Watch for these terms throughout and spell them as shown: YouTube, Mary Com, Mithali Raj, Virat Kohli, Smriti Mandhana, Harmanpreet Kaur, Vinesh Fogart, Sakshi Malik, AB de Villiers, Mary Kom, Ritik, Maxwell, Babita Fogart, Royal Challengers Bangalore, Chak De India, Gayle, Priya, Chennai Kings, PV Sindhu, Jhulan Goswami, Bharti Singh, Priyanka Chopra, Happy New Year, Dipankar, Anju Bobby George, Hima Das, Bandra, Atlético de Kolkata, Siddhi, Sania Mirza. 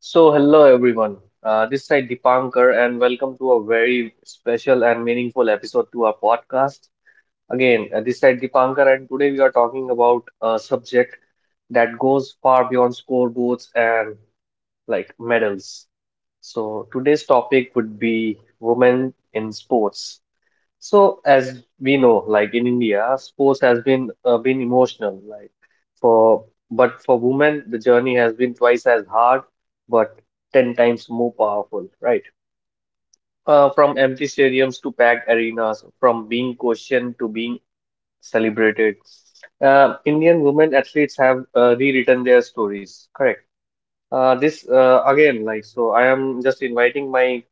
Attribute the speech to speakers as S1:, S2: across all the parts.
S1: So, hello everyone. This side Dipankar, and welcome to a very special and meaningful episode to our podcast. Again, this side Dipankar, and today we are talking about a subject that goes far beyond scoreboards and like medals. So, today's topic would be women in sports. So, as we know, like in India, sports has been emotional, like for but for women, the journey has been twice as hard, but ten times more powerful, right? From empty stadiums to packed arenas, from being questioned to being celebrated, Indian women athletes have rewritten their stories, correct? So I am just inviting my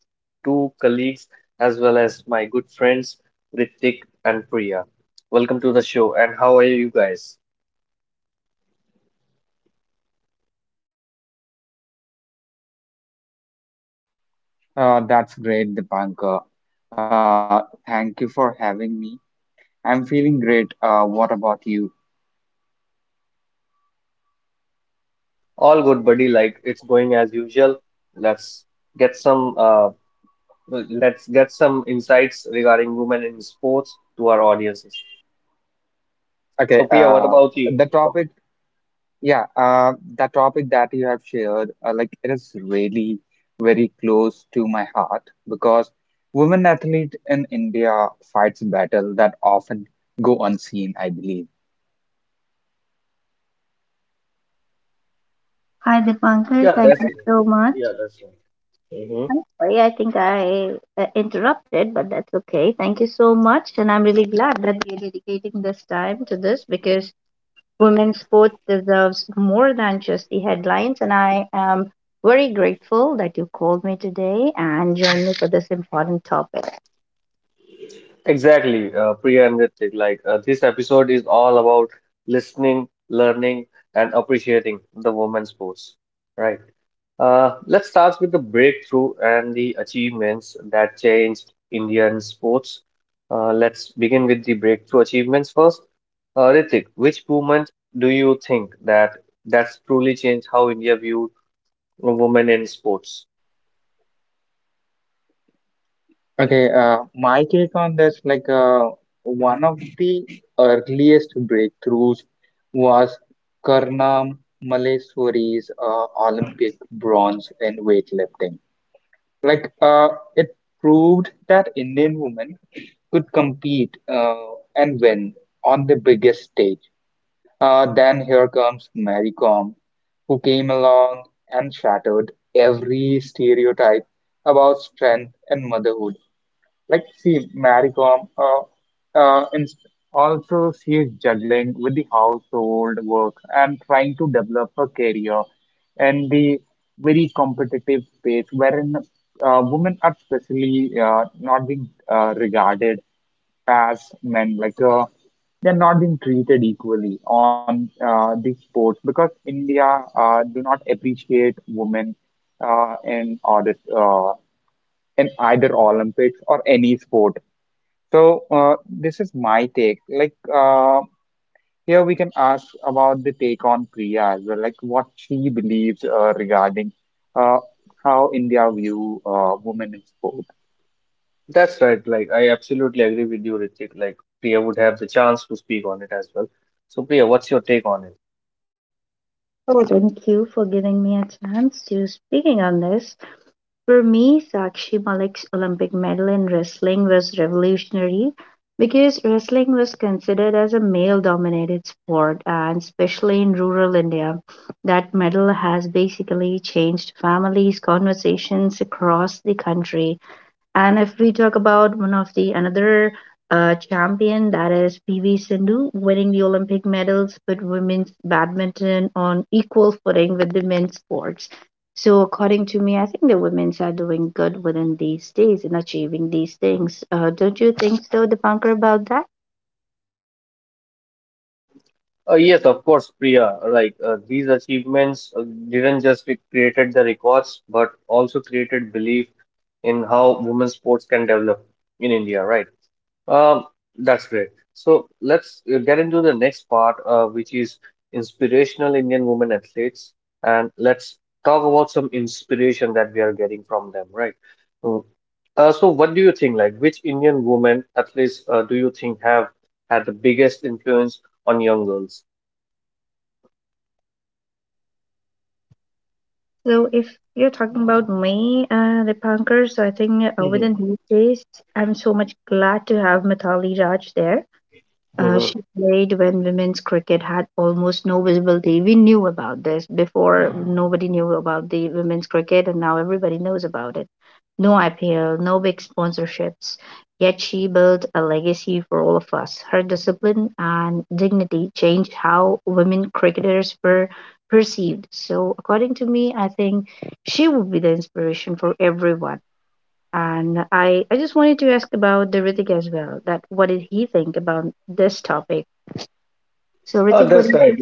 S1: two colleagues as well as my good friends Ritik and Priya. Welcome to the show, and how are you guys?
S2: That's great, Dipankar. Thank you for having me. I'm feeling great. What about you?
S1: All good, buddy. Like, it's going as usual. Let's get some uh, let's get some insights regarding women in sports to our audiences.
S2: Okay,
S1: So, Priya, what about you?
S2: the topic, yeah, the topic that you have shared, like it is really very close to my heart because women athlete in India fights battle that often go unseen, I believe.
S3: Hi, Dipankar.
S1: Yeah,
S3: Thank
S1: that's
S3: you so much.
S1: yeah, that's right.
S3: I'm sorry, I think I interrupted, but that's okay. Thank you so much. And I'm really glad that we are dedicating this time to this because women's sports deserves more than just the headlines. And I am very grateful that you called me today and joined me for this important topic.
S1: Exactly, Priya and Ritik. Like this episode is all about listening, learning, and appreciating the women's sports. Right. Let's start with the breakthrough and the achievements that changed Indian sports. Let's begin with the breakthrough achievements first. Ritik, which movement do you think that's truly changed how India viewed women in sports?
S2: Okay, my take on this, like one of the earliest breakthroughs was Karnam Malleswari's Olympic bronze in weightlifting. Like, it proved that Indian women could compete, and win on the biggest stage. Then here comes Mary Kom, who came along and shattered every stereotype about strength and motherhood. Like, see, Maricom inst also she is juggling with the household work and trying to develop her career in the very competitive space, wherein women are especially not being regarded as men. Like, they're not being treated equally on the sports because India do not appreciate women uh, in order uh, in either Olympics or any sport. So, this is my take. Like, here we can ask about the take on Priya as well, like what she believes, regarding uh, how India view women in sport.
S1: That's right. Like, I absolutely agree with you, Ritik. Like, Priya would have the chance to speak on it as well. So, Priya, what's your take on it?
S3: So thank you for giving me a chance to speaking on this. For me, Sakshi Malik's Olympic medal in wrestling was revolutionary because wrestling was considered as a male dominated sport, and especially in rural India. That medal has basically changed families' conversations across the country. And if we talk about one of the another champion, that is PV Sindhu, winning the Olympic medals with women's badminton on equal footing with the men's sports. So according to me, I think the women's are doing good within these days in achieving these things. Don't you think so, Dipankar, about that?
S1: Yes, of course, Priya. Like, these achievements didn't just created the records, but also created belief in how women's sports can develop in India, right? Um, that's great. So let's get into the next part, which is inspirational Indian women athletes, and let's talk about some inspiration that we are getting from them, right? Mm. So, what do you think? Like, which Indian women athletes do you think have had the biggest influence on young girls?
S3: So if you're talking about me, Dipankar, so I think within
S1: Mm-hmm.
S3: these days, I'm so much glad to have Mithali Raj there.
S1: Mm-hmm.
S3: She played when women's cricket had almost no visibility. We knew about this before. Nobody knew about the women's cricket, and now everybody knows about it. No IPL, no big sponsorships. Yet she built a legacy for all of us. Her discipline and dignity changed how women cricketers were perceived. So, according to me, I think she would be the inspiration for everyone. And I just wanted to ask about the Ritik as well. That what did he think about this topic? So
S1: Oh,
S3: Ritik, what do
S1: that's
S3: you
S1: right.
S3: think?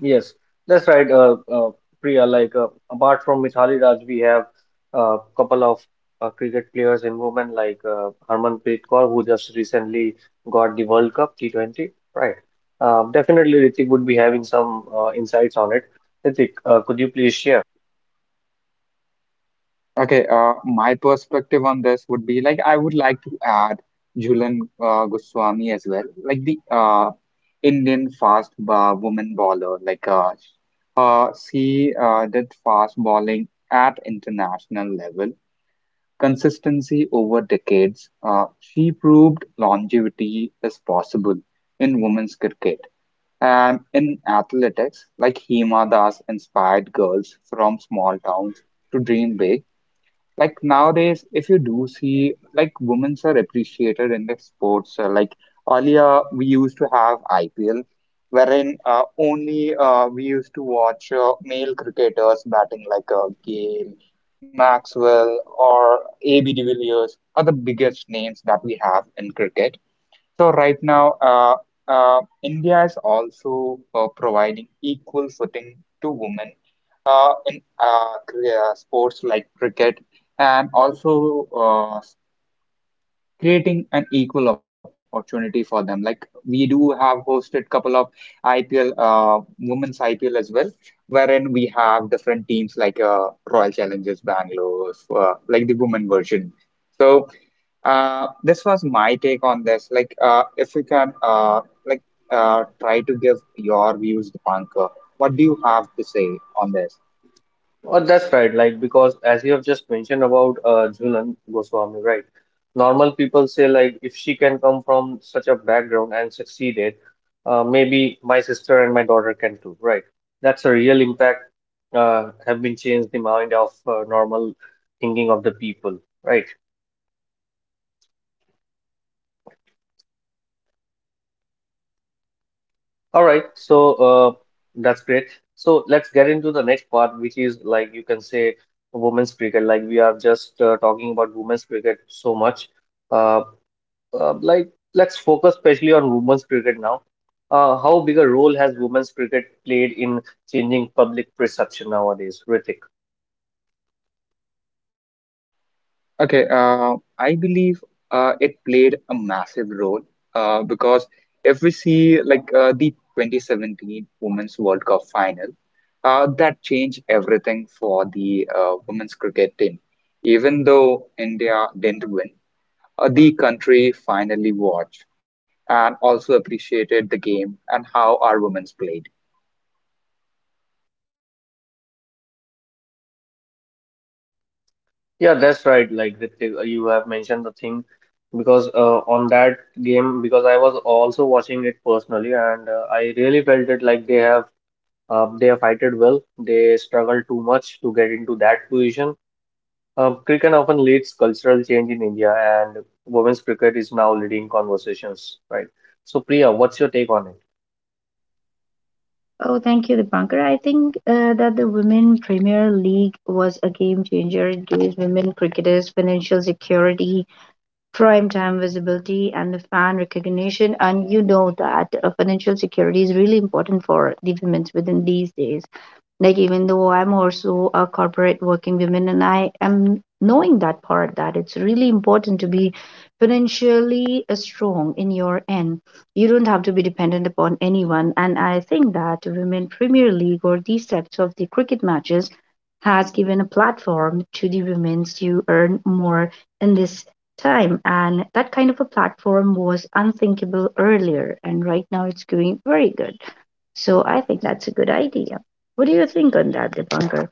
S1: Yes, that's right, Priya. Like apart from Mithali Raj, we have a couple of cricket players in women like Harmanpreet Kaur, who just recently got the World Cup T20. Right. Definitely, Ritik would be having some insights on it. Ritik, could you please share?
S2: Okay, my perspective on this would be like I would like to add Jhulan, Goswami as well, like the Indian fast ba woman bowler. Like, she did fast bowling at international level. Consistency over decades, she proved longevity is possible in women's cricket, and in athletics, like Hima Das inspired girls from small towns to dream big. Like nowadays, if you do see, like women's are appreciated in the sports. Like earlier, we used to have IPL, wherein only we used to watch male cricketers batting like, Gayle, Maxwell, or AB de Villiers are the biggest names that we have in cricket. So right now, India is also providing equal footing to women in sports like cricket, and also creating an equal opportunity for them. Like we do have hosted couple of IPL, women's IPL as well, wherein we have different teams like, Royal Challengers Bangalore, like the women version. So, this was my take on this. Like, if you can, try to give your views, Dipankar, what do you have to say on this?
S1: Oh, that's right. Like, because as you have just mentioned about Jhulan Goswami, right? Normal people say, like, if she can come from such a background and succeeded, maybe my sister and my daughter can too, right? That's a real impact, have been changed the mind of normal thinking of the people, right? All right. So, that's great. So, let's get into the next part, which is like you can say women's cricket. Like, we are just talking about women's cricket so much. Uh, like let's focus especially on women's cricket now. How big a role has women's cricket played in changing public perception nowadays, Ritik?
S2: Okay, I believe it played a massive role because if we see like, the 2017 Women's World Cup final, that changed everything for the women's cricket team. Even though India didn't win, the country finally watched and also appreciated the game and how our women's played.
S1: Yeah, that's right. Like Ritik, you have mentioned the thing because on that game, because I was also watching it personally, and I really felt it like they have fighted well. They struggled too much to get into that position. Cricket often leads cultural change in India, and women's cricket is now leading conversations, right? So, Priya, what's your take on it?
S3: Oh, thank you, Dipankar. I think that the Women Premier League was a game changer. It gives women cricketers financial security, prime time visibility, and the fan recognition. And you know that financial security is really important for the women within these days. Like even though I'm also a corporate working woman and I am knowing that part that it's really important to be financially strong in your end. You don't have to be dependent upon anyone. And I think that Women Premier League or these types of the cricket matches has given a platform to the women to earn more in this time, and that kind of a platform was unthinkable earlier, and right now it's going very good, so I think that's a good idea. What do you think on that, Dipankar?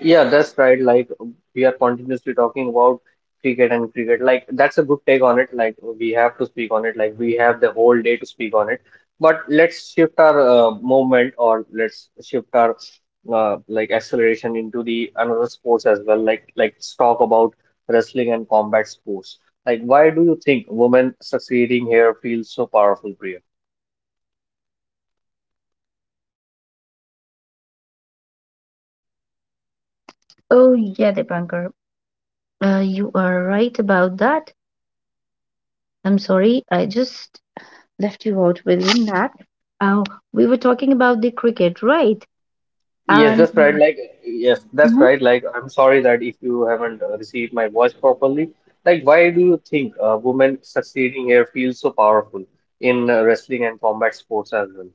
S1: Yeah, that's right. Like we are continuously talking about cricket and cricket. Like that's a good take on it. Like we have to speak on it. Like we have the whole day to speak on it. But let's shift our like acceleration into the another sports as well. Like let's talk about wrestling and combat sports. Like why do you think women succeeding here feels so powerful, Priya?
S3: Oh, yeah, Dipankar. You are right about that. I'm sorry, I just left you out within that. Uh, we were talking about the cricket, right?
S1: Yes,
S3: And
S1: that's right. Like, yes, that's
S3: Mhm.
S1: right. Like, I'm sorry that if you haven't received my voice properly. Like, why do you think women succeeding here feels so powerful in wrestling and combat sports as well?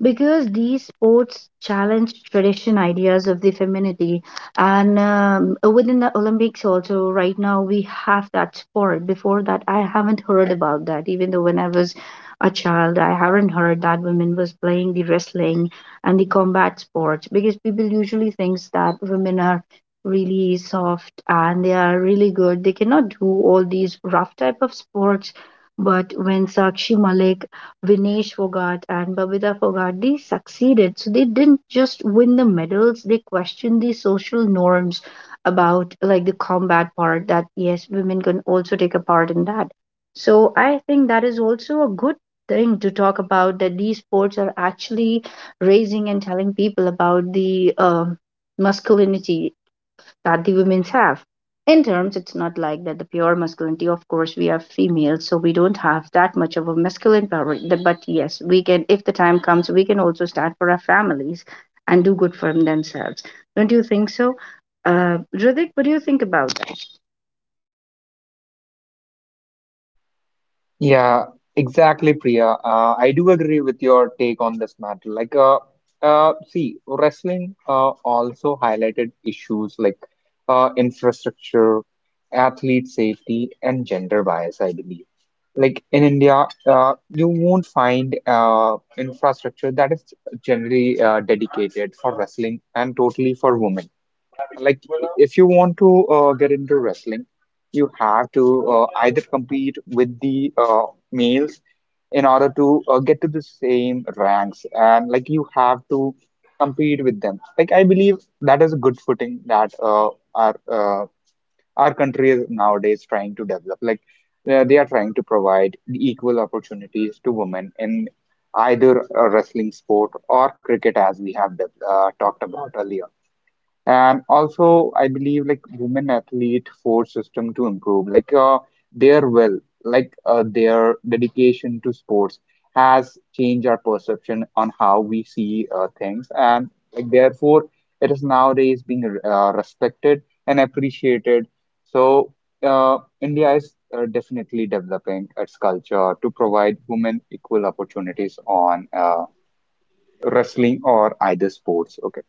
S3: Because these sports challenge tradition ideas of the femininity, and within the Olympics also right now we have that sport. Before that I haven't heard about that. Even though when I was a child, I haven't heard that women was playing the wrestling and the combat sports, because people usually thinks that women are really soft and they are really good, they cannot do all these rough type of sports. But when Sakshi Malik, Vinesh Fogart, and Babita Fogart, they succeeded. So they didn't just win the medals, they questioned the social norms about like the combat part, that yes, women can also take a part in that. So I think that is also a good thing to talk about, that these sports are actually raising and telling people about the masculinity that the women have. In terms, it's not like that the pure masculinity, of course, we are females, so we don't have that much of a masculine power. The- But yes, we can, if the time comes, we can also stand for our families and do good for themselves. Don't you think so? Riddick, what do you think about that?
S2: Yeah, exactly, Priya. I do agree with your take on this matter. Like, see, wrestling also highlighted issues like, infrastructure, athlete safety, and gender bias, I believe. Like in India, you won't find infrastructure that is generally dedicated for wrestling and totally for women. Like, if you want to, get into wrestling, you have to, either compete with the, males in order to, get to the same ranks, and like you have to compete with them. Like, I believe that is a good footing that, our uh, our country is nowadays trying to develop. Like, they are trying to provide equal opportunities to women in either a wrestling sport or cricket, as we have talked about earlier. And also, I believe like women athlete force system to improve, like their will, like their dedication to sports has changed our perception on how we see things, and like therefore, it is nowadays being respected and appreciated. So, India is definitely developing its culture to provide women equal opportunities on wrestling or either sports. Okay.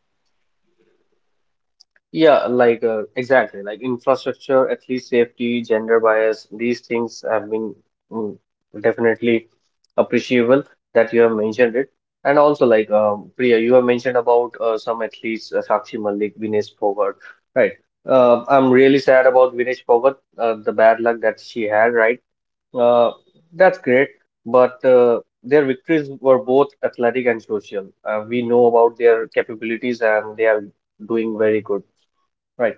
S1: Yeah, like exactly, like infrastructure, athlete safety, gender bias, these things have been mm, definitely appreciable that you have mentioned it. And also, like Priya, you have mentioned about some athletes, Sakshi Malik, Vinesh Fogart, right? I'm really sad about Vinesh Fogart, the bad luck that she had, right? Uh, that's great, but their victories were both athletic and social. We know about their capabilities and they are doing very good. Right.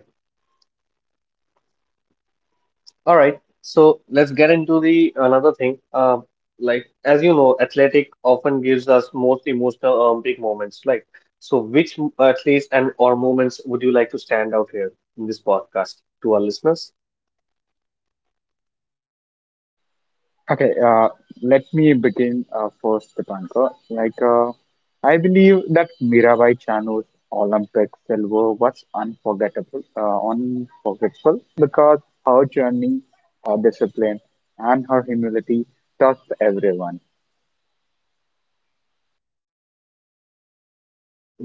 S1: All right. So let's get into the another thing. Like as you know, athletic often gives us most emotional big moments. Like, so which athletes and or moments would you like to stand out here in this podcast to our listeners?
S2: Okay, let me begin first, Dipankar. Like, I believe that Mirabai Chanu's Olympic silver was unforgettable because her journey, her discipline, and her humility touched everyone.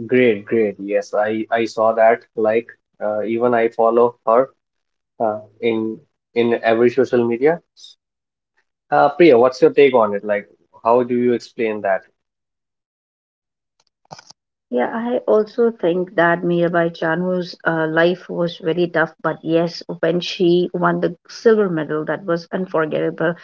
S1: Great, great. Yes, I saw that. Like, even I follow her uh, in in every social media. Priya, what's your take on it? Like, how do you explain that?
S3: Yeah, I also think that Mirabai Chanu's life was very tough, but yes, when she won the silver medal, that was unforgettable.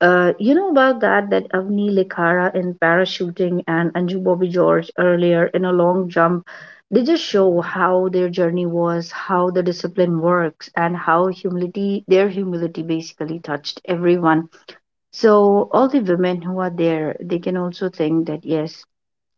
S3: You know about that, that Avni Likhara in parachuting and Anju Bobby George earlier in a long jump. They just show how their journey was, how the discipline works, and how humility their humility basically touched everyone. So all the women who are there, they can also think that yes,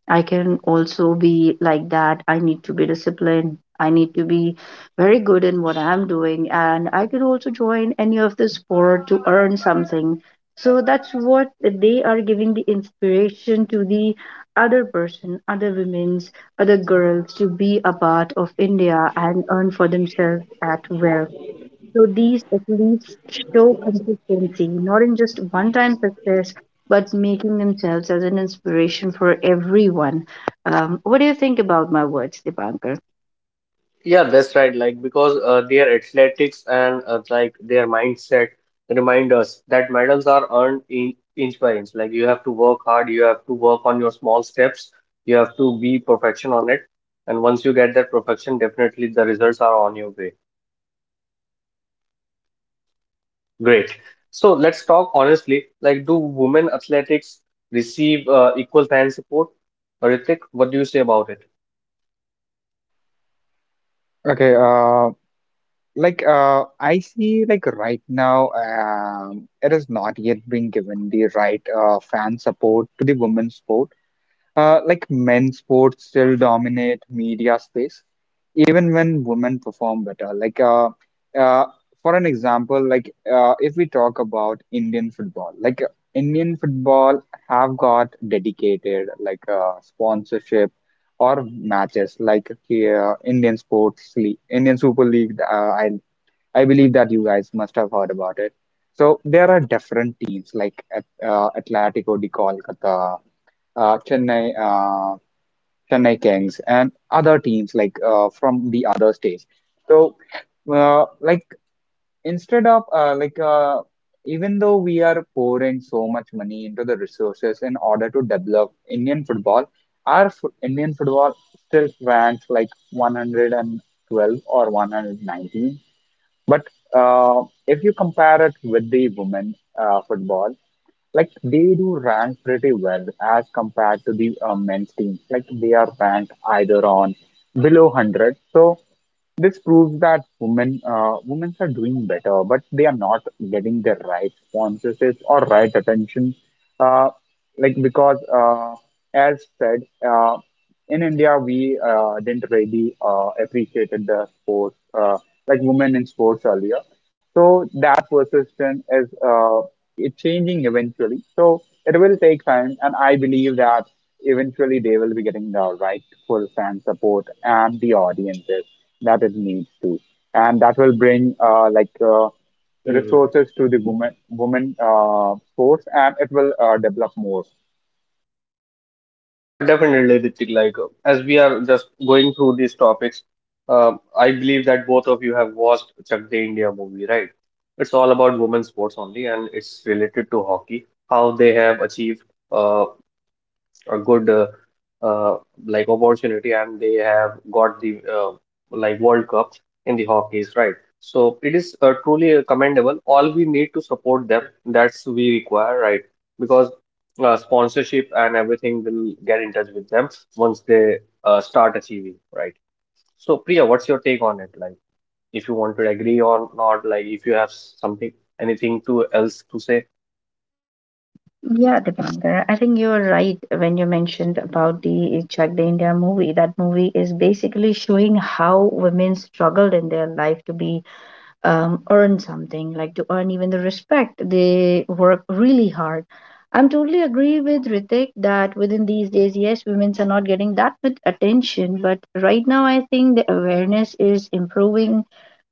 S3: I can also be like that. I need to be disciplined. I need to be very good in what I'm doing. And I could also join any of the sport to earn something. So that's what they are giving the inspiration to the other person, other women's, other girls to be a part of India and earn for themselves at well. So these at least show consistency, not in just one time success, but making themselves as an inspiration for everyone. What do you think about my words, Dipankar?
S1: Yeah, that's right. Like because their athletics and like their mindset remind us that medals are earned in inch by inch. Like you have to work hard, you have to work on your small steps, you have to be perfection on it, and once you get that perfection, definitely the results are on your way. Great. So let's talk honestly. Like, do women athletics receive equal fan support? Ritik, what do you say about
S2: Okay, like, I see, like, right now, it is not yet being given the right fan support to the women's sport. Like men's sports still dominate media space, even when women perform better. Like, uh, for an example, like if we talk about Indian football, like Indian football have got dedicated like, sponsorship or matches, like, Indian Sports League, Indian Super League. I believe that you guys must have heard about it. So there are different teams like at, Atlético de Kolkata, Chennai, Chennai Kings, and other teams like from the other states. So, like instead of like even though we are pouring so much money into the resources in order to develop Indian football, our fo Indian football still ranks like 112 or 119. But, uh, if you compare it with the women, football. Like they do rank pretty well as compared to the men's team. Like they are ranked either on below 100. So this proves that women are doing better, but they are not getting the right sponsorship or right attention. Uh, like because, uh, as said, uh, in India we didn't really appreciated the sports, like women in sports earlier. So that persistence is it's changing eventually. So it will take time, and I believe that eventually they will be getting the rightful fan support and the audiences that it needs to, and that will bring,
S1: it?
S2: resources to the women sports, and it will develop more.
S1: Definitely, Ritik. Like, as we are just going through these topics, I believe that both of you have watched Chak De India movie, right? It's all about women's sports only, and it's related to hockey, how they have achieved uh, a good uh, opportunity and they have got the like World Cup in the hockeys, right? So it is truly commendable. All we need to support them. That's we require, right? Because sponsorship and everything will get in touch with them once they start achieving, right? So Priya, what's your take on it? Like, if you want to agree or not, like if you have something, anything to else to say.
S3: Yeah, Dipankar, I think you're right when you mentioned about the Chak De India movie. That movie is basically showing how women struggled in their life to be earn something, like to earn even the respect. They work really hard. I'm totally agree with Ritik that within these days, yes, women are not getting that much attention, but right now I think the awareness is improving.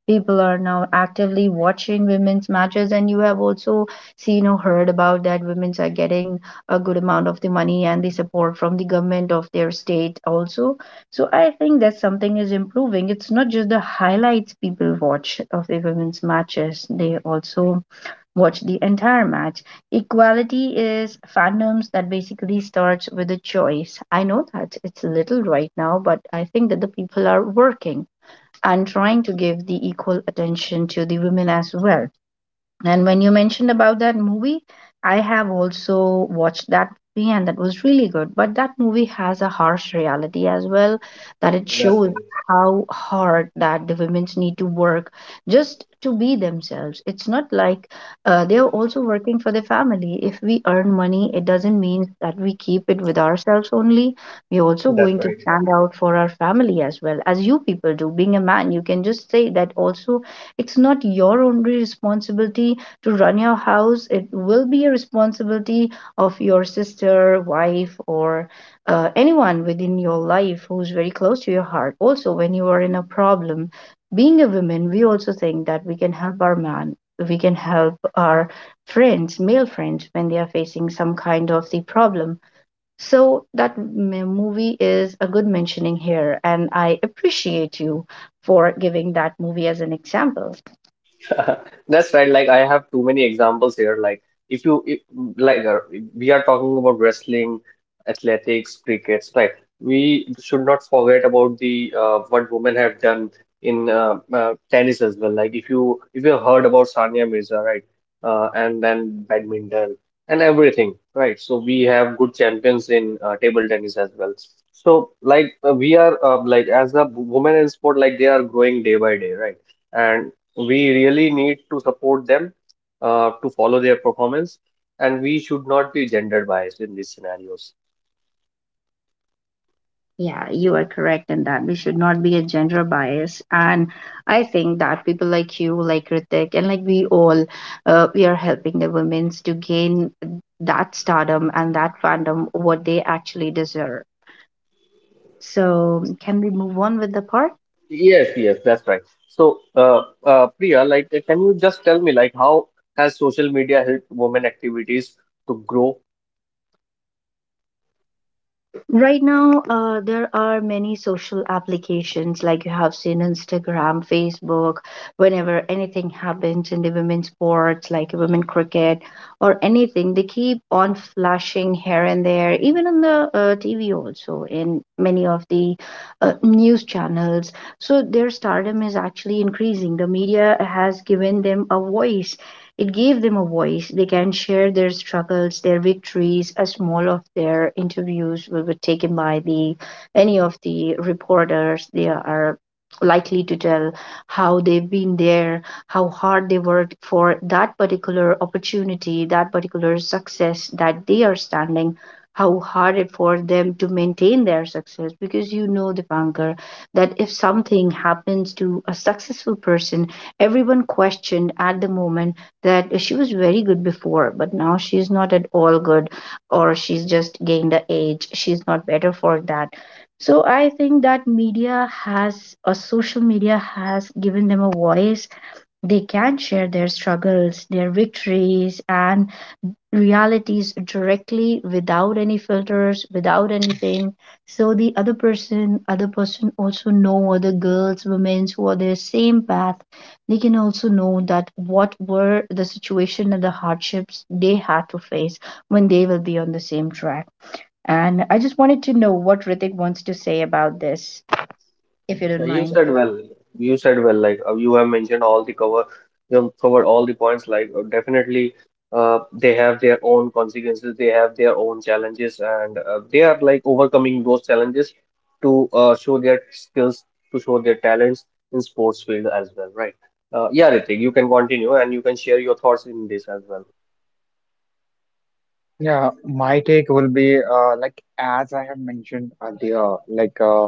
S3: People are now actively watching women's matches, and you have also seen or heard about that women's are getting a good amount of the money and the support from the government of their state also. So I think that something is improving. It's not just the highlights people watch of the women's matches, they also watch the entire match. Equality is fandoms that basically starts with a choice. I know that it's little right now, but I think that the people are working and trying to give the equal attention to the women as well. And when you mentioned about that movie, I have also watched that movie and that was really good. But that movie has a harsh reality as well, that it
S1: That's
S3: shows
S1: right.
S3: how hard that the women's need to work just to be themselves. It's not like they are also working for the family. If we earn money, it doesn't mean that we keep it with ourselves only. We're also
S1: That's
S3: going to
S1: right.
S3: stand out for our family as well, as you people do. Being a man, you can just say that also it's not your only responsibility to run your house. It will be a responsibility of your sister, wife, or anyone within your life who's very close to your heart. Also, when you are in a problem, being a woman, we also think that we can help our man, we can help our friends, male friends, when they are facing some kind of the problem. So that movie is a good mentioning here, and I appreciate you for giving that movie as an example.
S1: That's right. Like I have too many examples here. Like if you if, like uh, we are talking about wrestling, athletics, crickets, right? We should not forget about the what women have done in tennis as well. Like if you have heard about Sania Mirza, right? And then badminton and everything, right? So we have good champions in table tennis as well. So like we are like as a women in sport, like they are growing day by day, right? And we really need to support them to follow their performance, and we should not be gender biased in these scenarios.
S3: Yeah, you are correct in that we should not be a gender bias, and I think that people like you, like Ritik, and like we all, we are helping the women's to gain that stardom and that fandom what they actually deserve. So, can we move on with the part?
S1: Yes, yes, that's right. So Priya, like can you just tell me like how has social media helped women activities to grow?
S3: Right now, there are many social applications like you have seen Instagram, Facebook. Whenever anything happens in the women's sports, like women cricket or anything, they keep on flashing here and there, even on the TV also in many of the news channels. So their stardom is actually increasing. The media has given them a voice, it gave them a voice. They can share their struggles, their victories, as small of their interviews will be taken by the any of the reporters. They are likely to tell how they've been there, how hard they worked for that particular opportunity, that particular success that they are standing, how hard it for them to maintain their success. Because you know, Dipankar, that if something happens to a successful person, everyone questioned at the moment that she was very good before, but now she's not at all good, or she's just gained the age. She's not better for that. So I think that media has, or social media has given them a voice. They can share their struggles, their victories, and realities directly without any filters, without anything. So the other person, other person also know, other girls, women who are their same path, they can also know that what were the situation and the hardships they had to face when they will be on the same track. And I just wanted to know what Ritik wants to say about this, if you don't
S1: Yeah, you
S3: mind.
S1: said well. You said well. Like you have covered all the points. Like definitely, they have their own consequences. They have their own challenges, and they are like overcoming those challenges to show their skills, to show their talents in sports field as well, right? Yeah, Ritik, you can continue and you can share your thoughts in this as well.
S2: Yeah, my take will be like as I have mentioned earlier, like. Uh,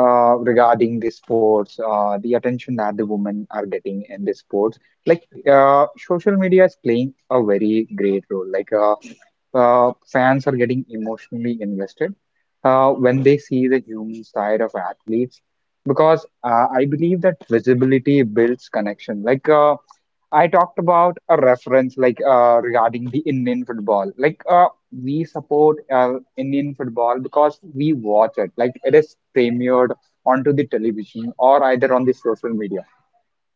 S2: uh, regarding the sports, the attention that the women are getting in the sports. Like, social media is playing a very great role. Like, fans are getting emotionally invested when they see the human side of athletes, because I believe that visibility builds connection. Like, I talked about a reference like, regarding the Indian football. Like, we support Indian football because we watch it. Like it is premiered onto the television or either on the social media.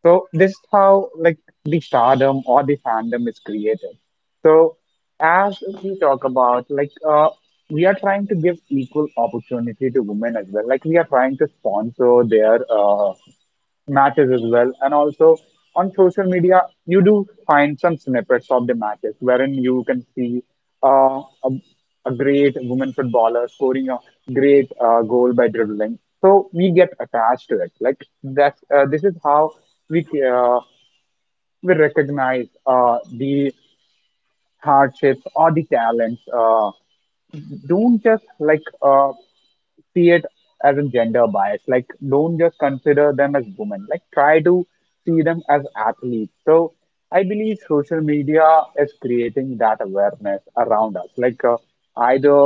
S2: So this is how like the stardom or the fandom is created. So as we talk about like, we are trying to give equal opportunity to women as well. Like we are trying to sponsor their matches as well. And also on social media, you do find some snippets of the matches wherein you can see, uh, a, a great woman footballer scoring a great goal by dribbling. So we get attached to it. Like that's this is how we uh, we recognize the hardships or the talents. Don't just like, see it as a gender bias, like don't just consider them as women, like try to see them as athletes. So I believe social media is creating that awareness around us, like, either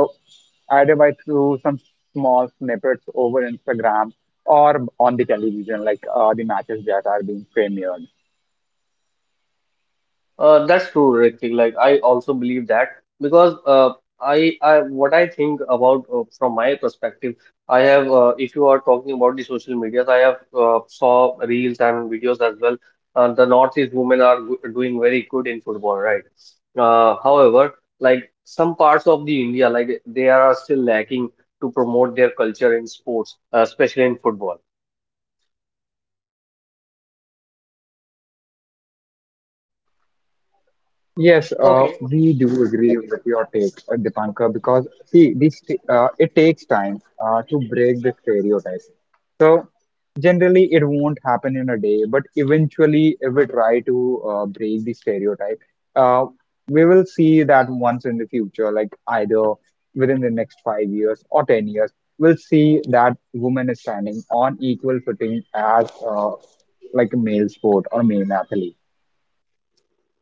S2: either by through some small snippets over Instagram or on the television, like the matches that are being premiered.
S1: That's true, Ritik. Like I also believe that because what I think about from my perspective, I have. If you are talking about the social medias, I have saw reels and videos as well. The Northeast women are go doing very good in football, right? However, like some parts of the India, like they are still lacking to promote their culture in sports, especially in football.
S2: Yes,
S1: Okay.
S2: we do agree with your take, Dipankar, because see, this it takes time to break the stereotypes. So generally, it won't happen in a day, but eventually, if we try to, break the stereotype, uh, we will see that once in the future, like either within the next 5 years or 10 years, we'll see that woman is standing on equal footing as, like a male sport or male athlete.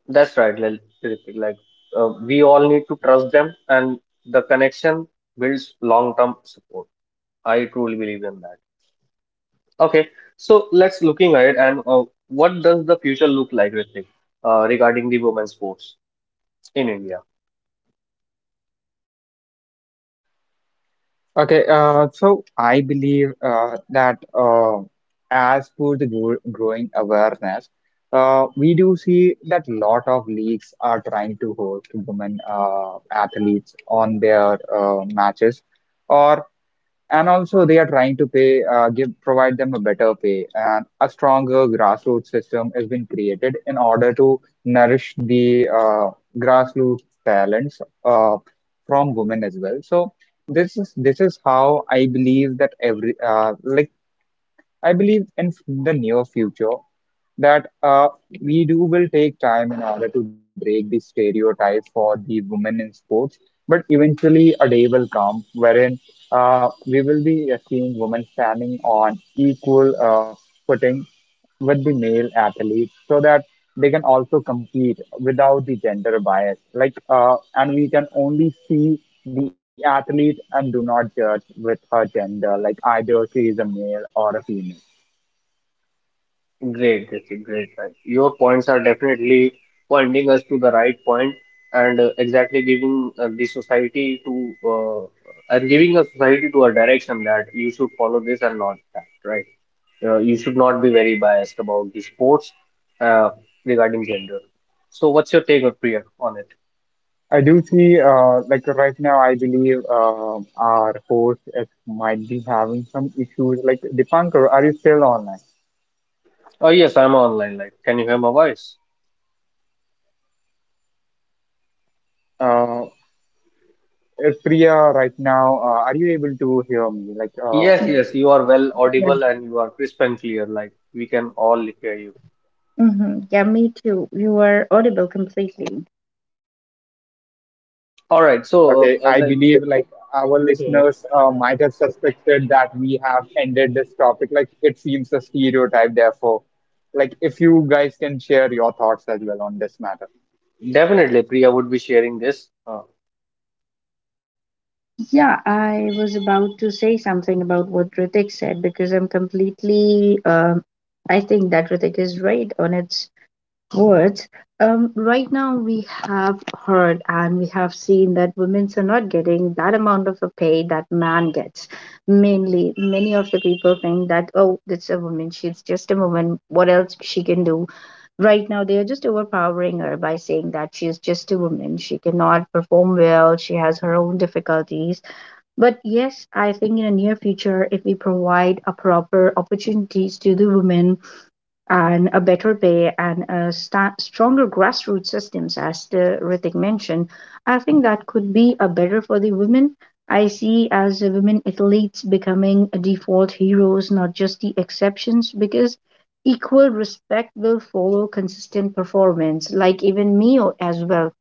S1: Ritik. Like we all need to trust them, and the connection builds long-term support. I truly believe in that. Okay, so let's looking ahead and what does the future look like, Ritik, regarding the women's sports in India?
S2: Okay, so I believe that, as for the growing awareness, we do see that lot of leagues are trying to host women athletes on their matches, or and also they are trying to pay give provide them a better pay, and a stronger grassroots system has been created in order to nourish the grassroots talents from women as well. So this is how I believe that every, like I believe in the near future that, we do will take time in order to break the stereotype for the women in sports. But eventually, a day will come wherein, we will be seeing women standing on equal, footing with the male athletes, so that they can also compete without the gender bias. Like, and we can only see the athlete and do not judge with her gender, like either she is a male or a female.
S1: Great, Jesse, great. Right. Your points are definitely pointing us to the right point and exactly giving a society to a direction that you should follow this and not that, right? You should not be very biased about the sports uh, regarding gender. So, what's your take, Priya, on it?
S2: I do see, like right now, I believe our host, might be having some issues. Like, Dipankar, are you still online?
S1: Oh, yes, I'm online. Like, can you hear my voice?
S2: Uh, Priya, right now, are you able to hear me? Like,
S1: Yes, yes, you are well audible and you are crisp and clear. Like, we can all hear you.
S3: Mm-hmm. Yeah, me too, you are audible completely.
S1: All right, so
S2: okay, I believe like our
S1: like.
S2: listeners, might have suspected that we have ended this topic. Like, it seems a stereotype, therefore. Like, if you guys can share your thoughts as well on this matter.
S1: Definitely, Priya would be sharing this.
S3: Yeah, I was about to say something about what Ritik said because I'm completely. I think that Ritik is right on its words. Right now, we have heard and we have seen that women are not getting that amount of a pay that man gets. Mainly, many of the people think that oh, it's a woman. She's just a woman. What else she can do? Right now, they are just overpowering her by saying that she is just a woman. She cannot perform well. She has her own difficulties, but yes, I think in the near future, if we provide a proper opportunities to the women and a better pay and a sta stronger grassroots systems, as the Ritik mentioned, I think that could be a better for the women. I see as the women athletes becoming a default heroes, not just the exceptions, because equal respect will follow consistent performance. Like even me as well.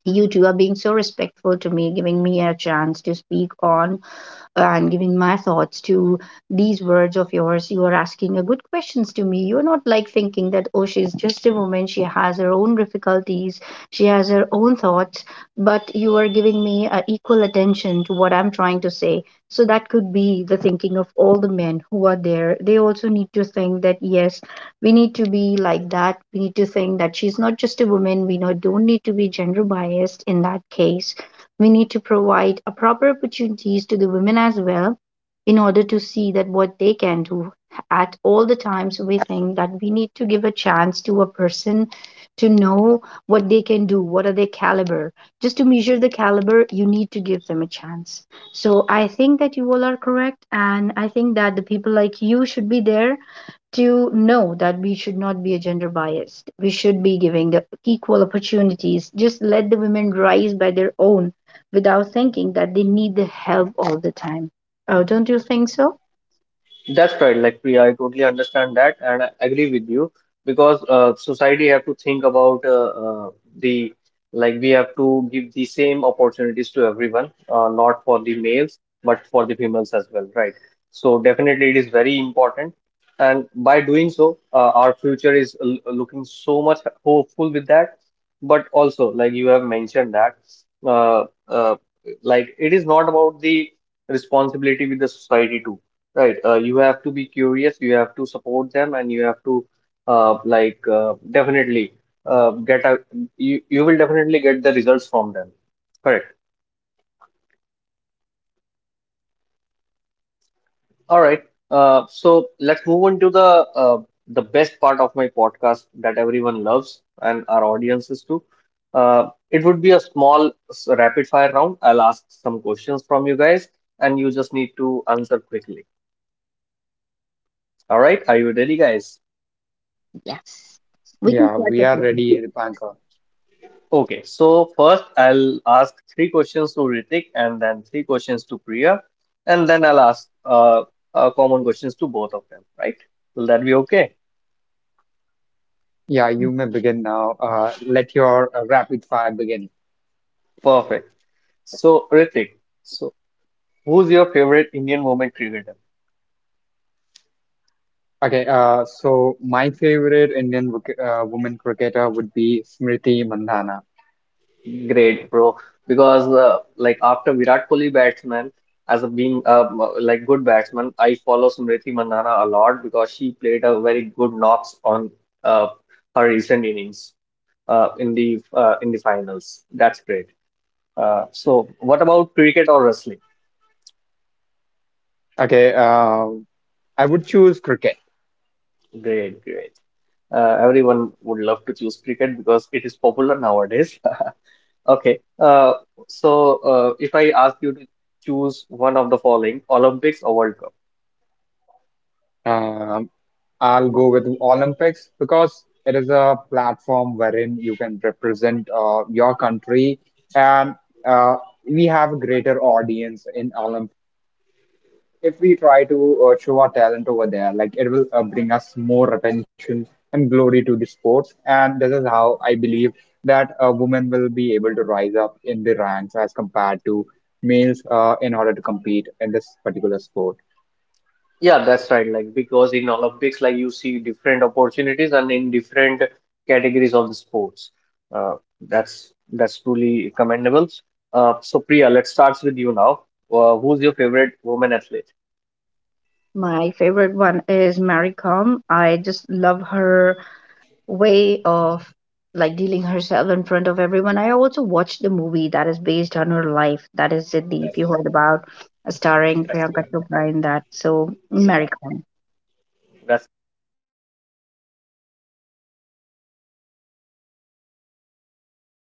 S3: You two are being so respectful to me, giving me a chance to speak on and giving my thoughts to these words of yours. You are asking a good questions to me. You're not like thinking that, oh, she's just a woman. She has her own difficulties. She has her own thoughts. But you are giving me equal attention to what I'm trying to say. So that could be the thinking of all the men who are there. They also need to think that, yes, we need to be like that. We need to think that she's not just a woman. We not, Don't need to be gender biased in that case. We need to provide a proper opportunities to the women as well in order to see that what they can do at all the times. So we think that we need to give a chance to a person to know what they can do, what are their caliber. Just to measure the caliber, you need to give them a chance. So I think that you all are correct, and I think that the people like you should be there to know that we should not be a gender biased. We should be giving the equal opportunities. Just let the women rise by their own without thinking that they need the help all the time. Oh, don't you think so?
S1: That's right, like Priya, I totally understand that and I agree with you because society have to think about the like we have to give the same opportunities to everyone, not for the males but for the females as well, right? So definitely it is very important, and by doing so, our future is looking so much hopeful with that. But also, like you have mentioned that, uh, uh, like it is not about the responsibility with the society too. Right. You have to be curious, you have to support them, and you have to definitely get a you will definitely get the results from them. Correct. All right. So let's move on to uh, the best part of my podcast that everyone loves and our audiences too. It would be a small rapid fire round. I'll ask some questions from you guys, and you just need to answer quickly. All right. Are you ready, guys?
S3: Yes. We can
S2: Yeah,
S3: start
S2: we
S3: with
S2: are
S3: this.
S2: ready, Dipankar.
S1: Okay, so first I'll ask three questions to Ritik and then three questions to Priya, and then I'll ask common questions to both of them, right? Will that be okay?
S2: Yeah, you may begin now. Let your rapid fire begin.
S1: Perfect. So, Ritik, so who's your favorite Indian women cricketer?
S2: Okay, so my favorite Indian women cricketer would be Smriti Mandhana.
S1: Great, bro. Because like after Virat Kohli batsman, as a being like good batsman, I follow Smriti Mandhana a lot because she played a very good knocks on uh, her recent innings. Uh, in the finals. That's great. So, what about cricket or wrestling?
S2: Okay, I would choose cricket.
S1: Great, great. Everyone would love to choose cricket because it is popular nowadays. Okay. So, if I ask you to choose one of the following, Olympics or World Cup?
S2: Um, I'll go with Olympics because it is a platform wherein you can represent your country, and uh, we have a greater audience in Olympics. If we try to, show our talent over there, like it will, bring us more attention and glory to the sports. And this is how I believe that women will be able to rise up in the ranks as compared to males, in order to compete in this particular sport.
S1: Yeah, that's right. Like because in Olympics, like you see different opportunities and in different categories of the sports. Uh, that's truly commendable. So Priya, let's start with you now. Who's your favorite woman athlete?
S3: My favorite one is Mary Com. I just love her way of like dealing herself in front of everyone. I also watched the movie that is based on her life. That is Siddhi, if you heard about, starring Priyanka Chopra in that. So, Mary Khan.
S1: That's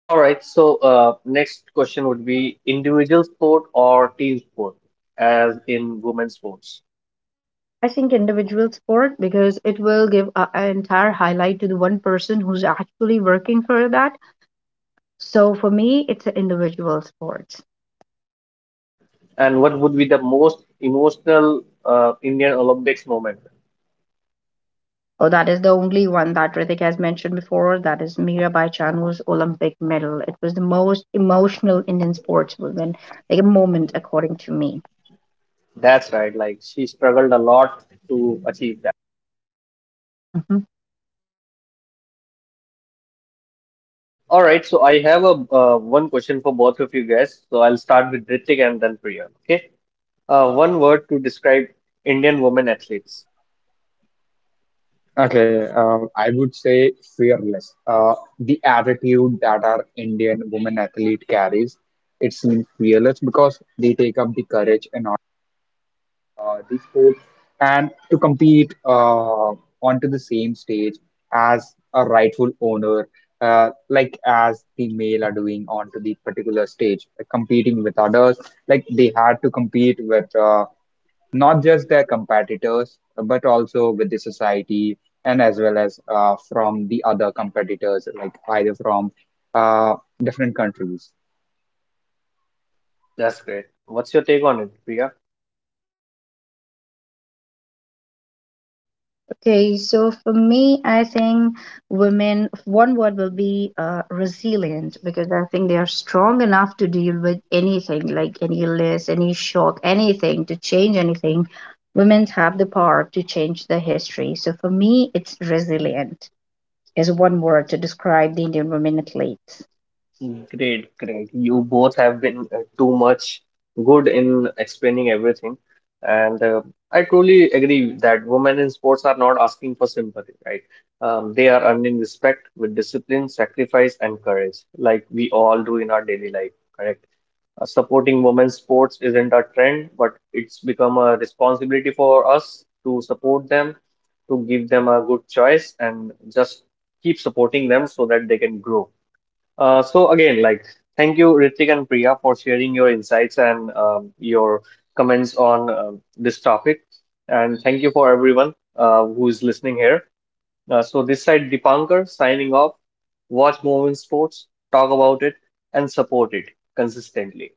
S1: all right. So next question would be individual sport or team sport, as in women's sports.
S3: I think individual sport because it will give a- an entire highlight to the one person who's actually working for that. So for me, it's an individual sport.
S1: And what would be the most emotional Indian Olympics moment?
S3: Oh, that is the only one that Ritik has mentioned before. That is Mirabai Chanu's Olympic medal. It was the most emotional Indian sportswoman, like a moment, according to me.
S1: That's right. Like she struggled a lot to achieve.
S3: Hmm.
S1: All right, so I have a one question for both of you guys. So I'll start with Ritik and then Priya. Okay, one word to describe Indian women athletes.
S2: Okay, I would say fearless. The attitude that our Indian woman athlete carries, it seems fearless because they take up the courage in order. These sports, and to compete, onto the same stage as a rightful owner, like as the male are doing onto the particular stage, like competing with others. Like they had to compete with, not just their competitors, but also with the society and as well as, from the other competitors, like either from, uh, different countries.
S1: That's great. What's your take on it, Priya?
S3: Okay, so for me, I think women, one word will be resilient, because I think they are strong enough to deal with anything, like any illness, any shock, anything, to change anything. Women have the power to change the history. So for me, it's resilient. Is one word to describe the Indian women athletes.
S1: Great, great. You both have been too much good in explaining everything. And I truly agree that women in sports are not asking for sympathy, right? They are earning respect with discipline, sacrifice, and courage, like we all do in our daily life, correct? Supporting women's sports isn't a trend, but it's become a responsibility for us to support them, to give them a good choice, and just keep supporting them so that they can grow. So again, like, thank you, Ritik and Priya, for sharing your insights and your comments on this topic. And thank you for everyone who is listening here. So this side, Dipankar, signing off. Watch Movement Sports, talk about it, and support it consistently.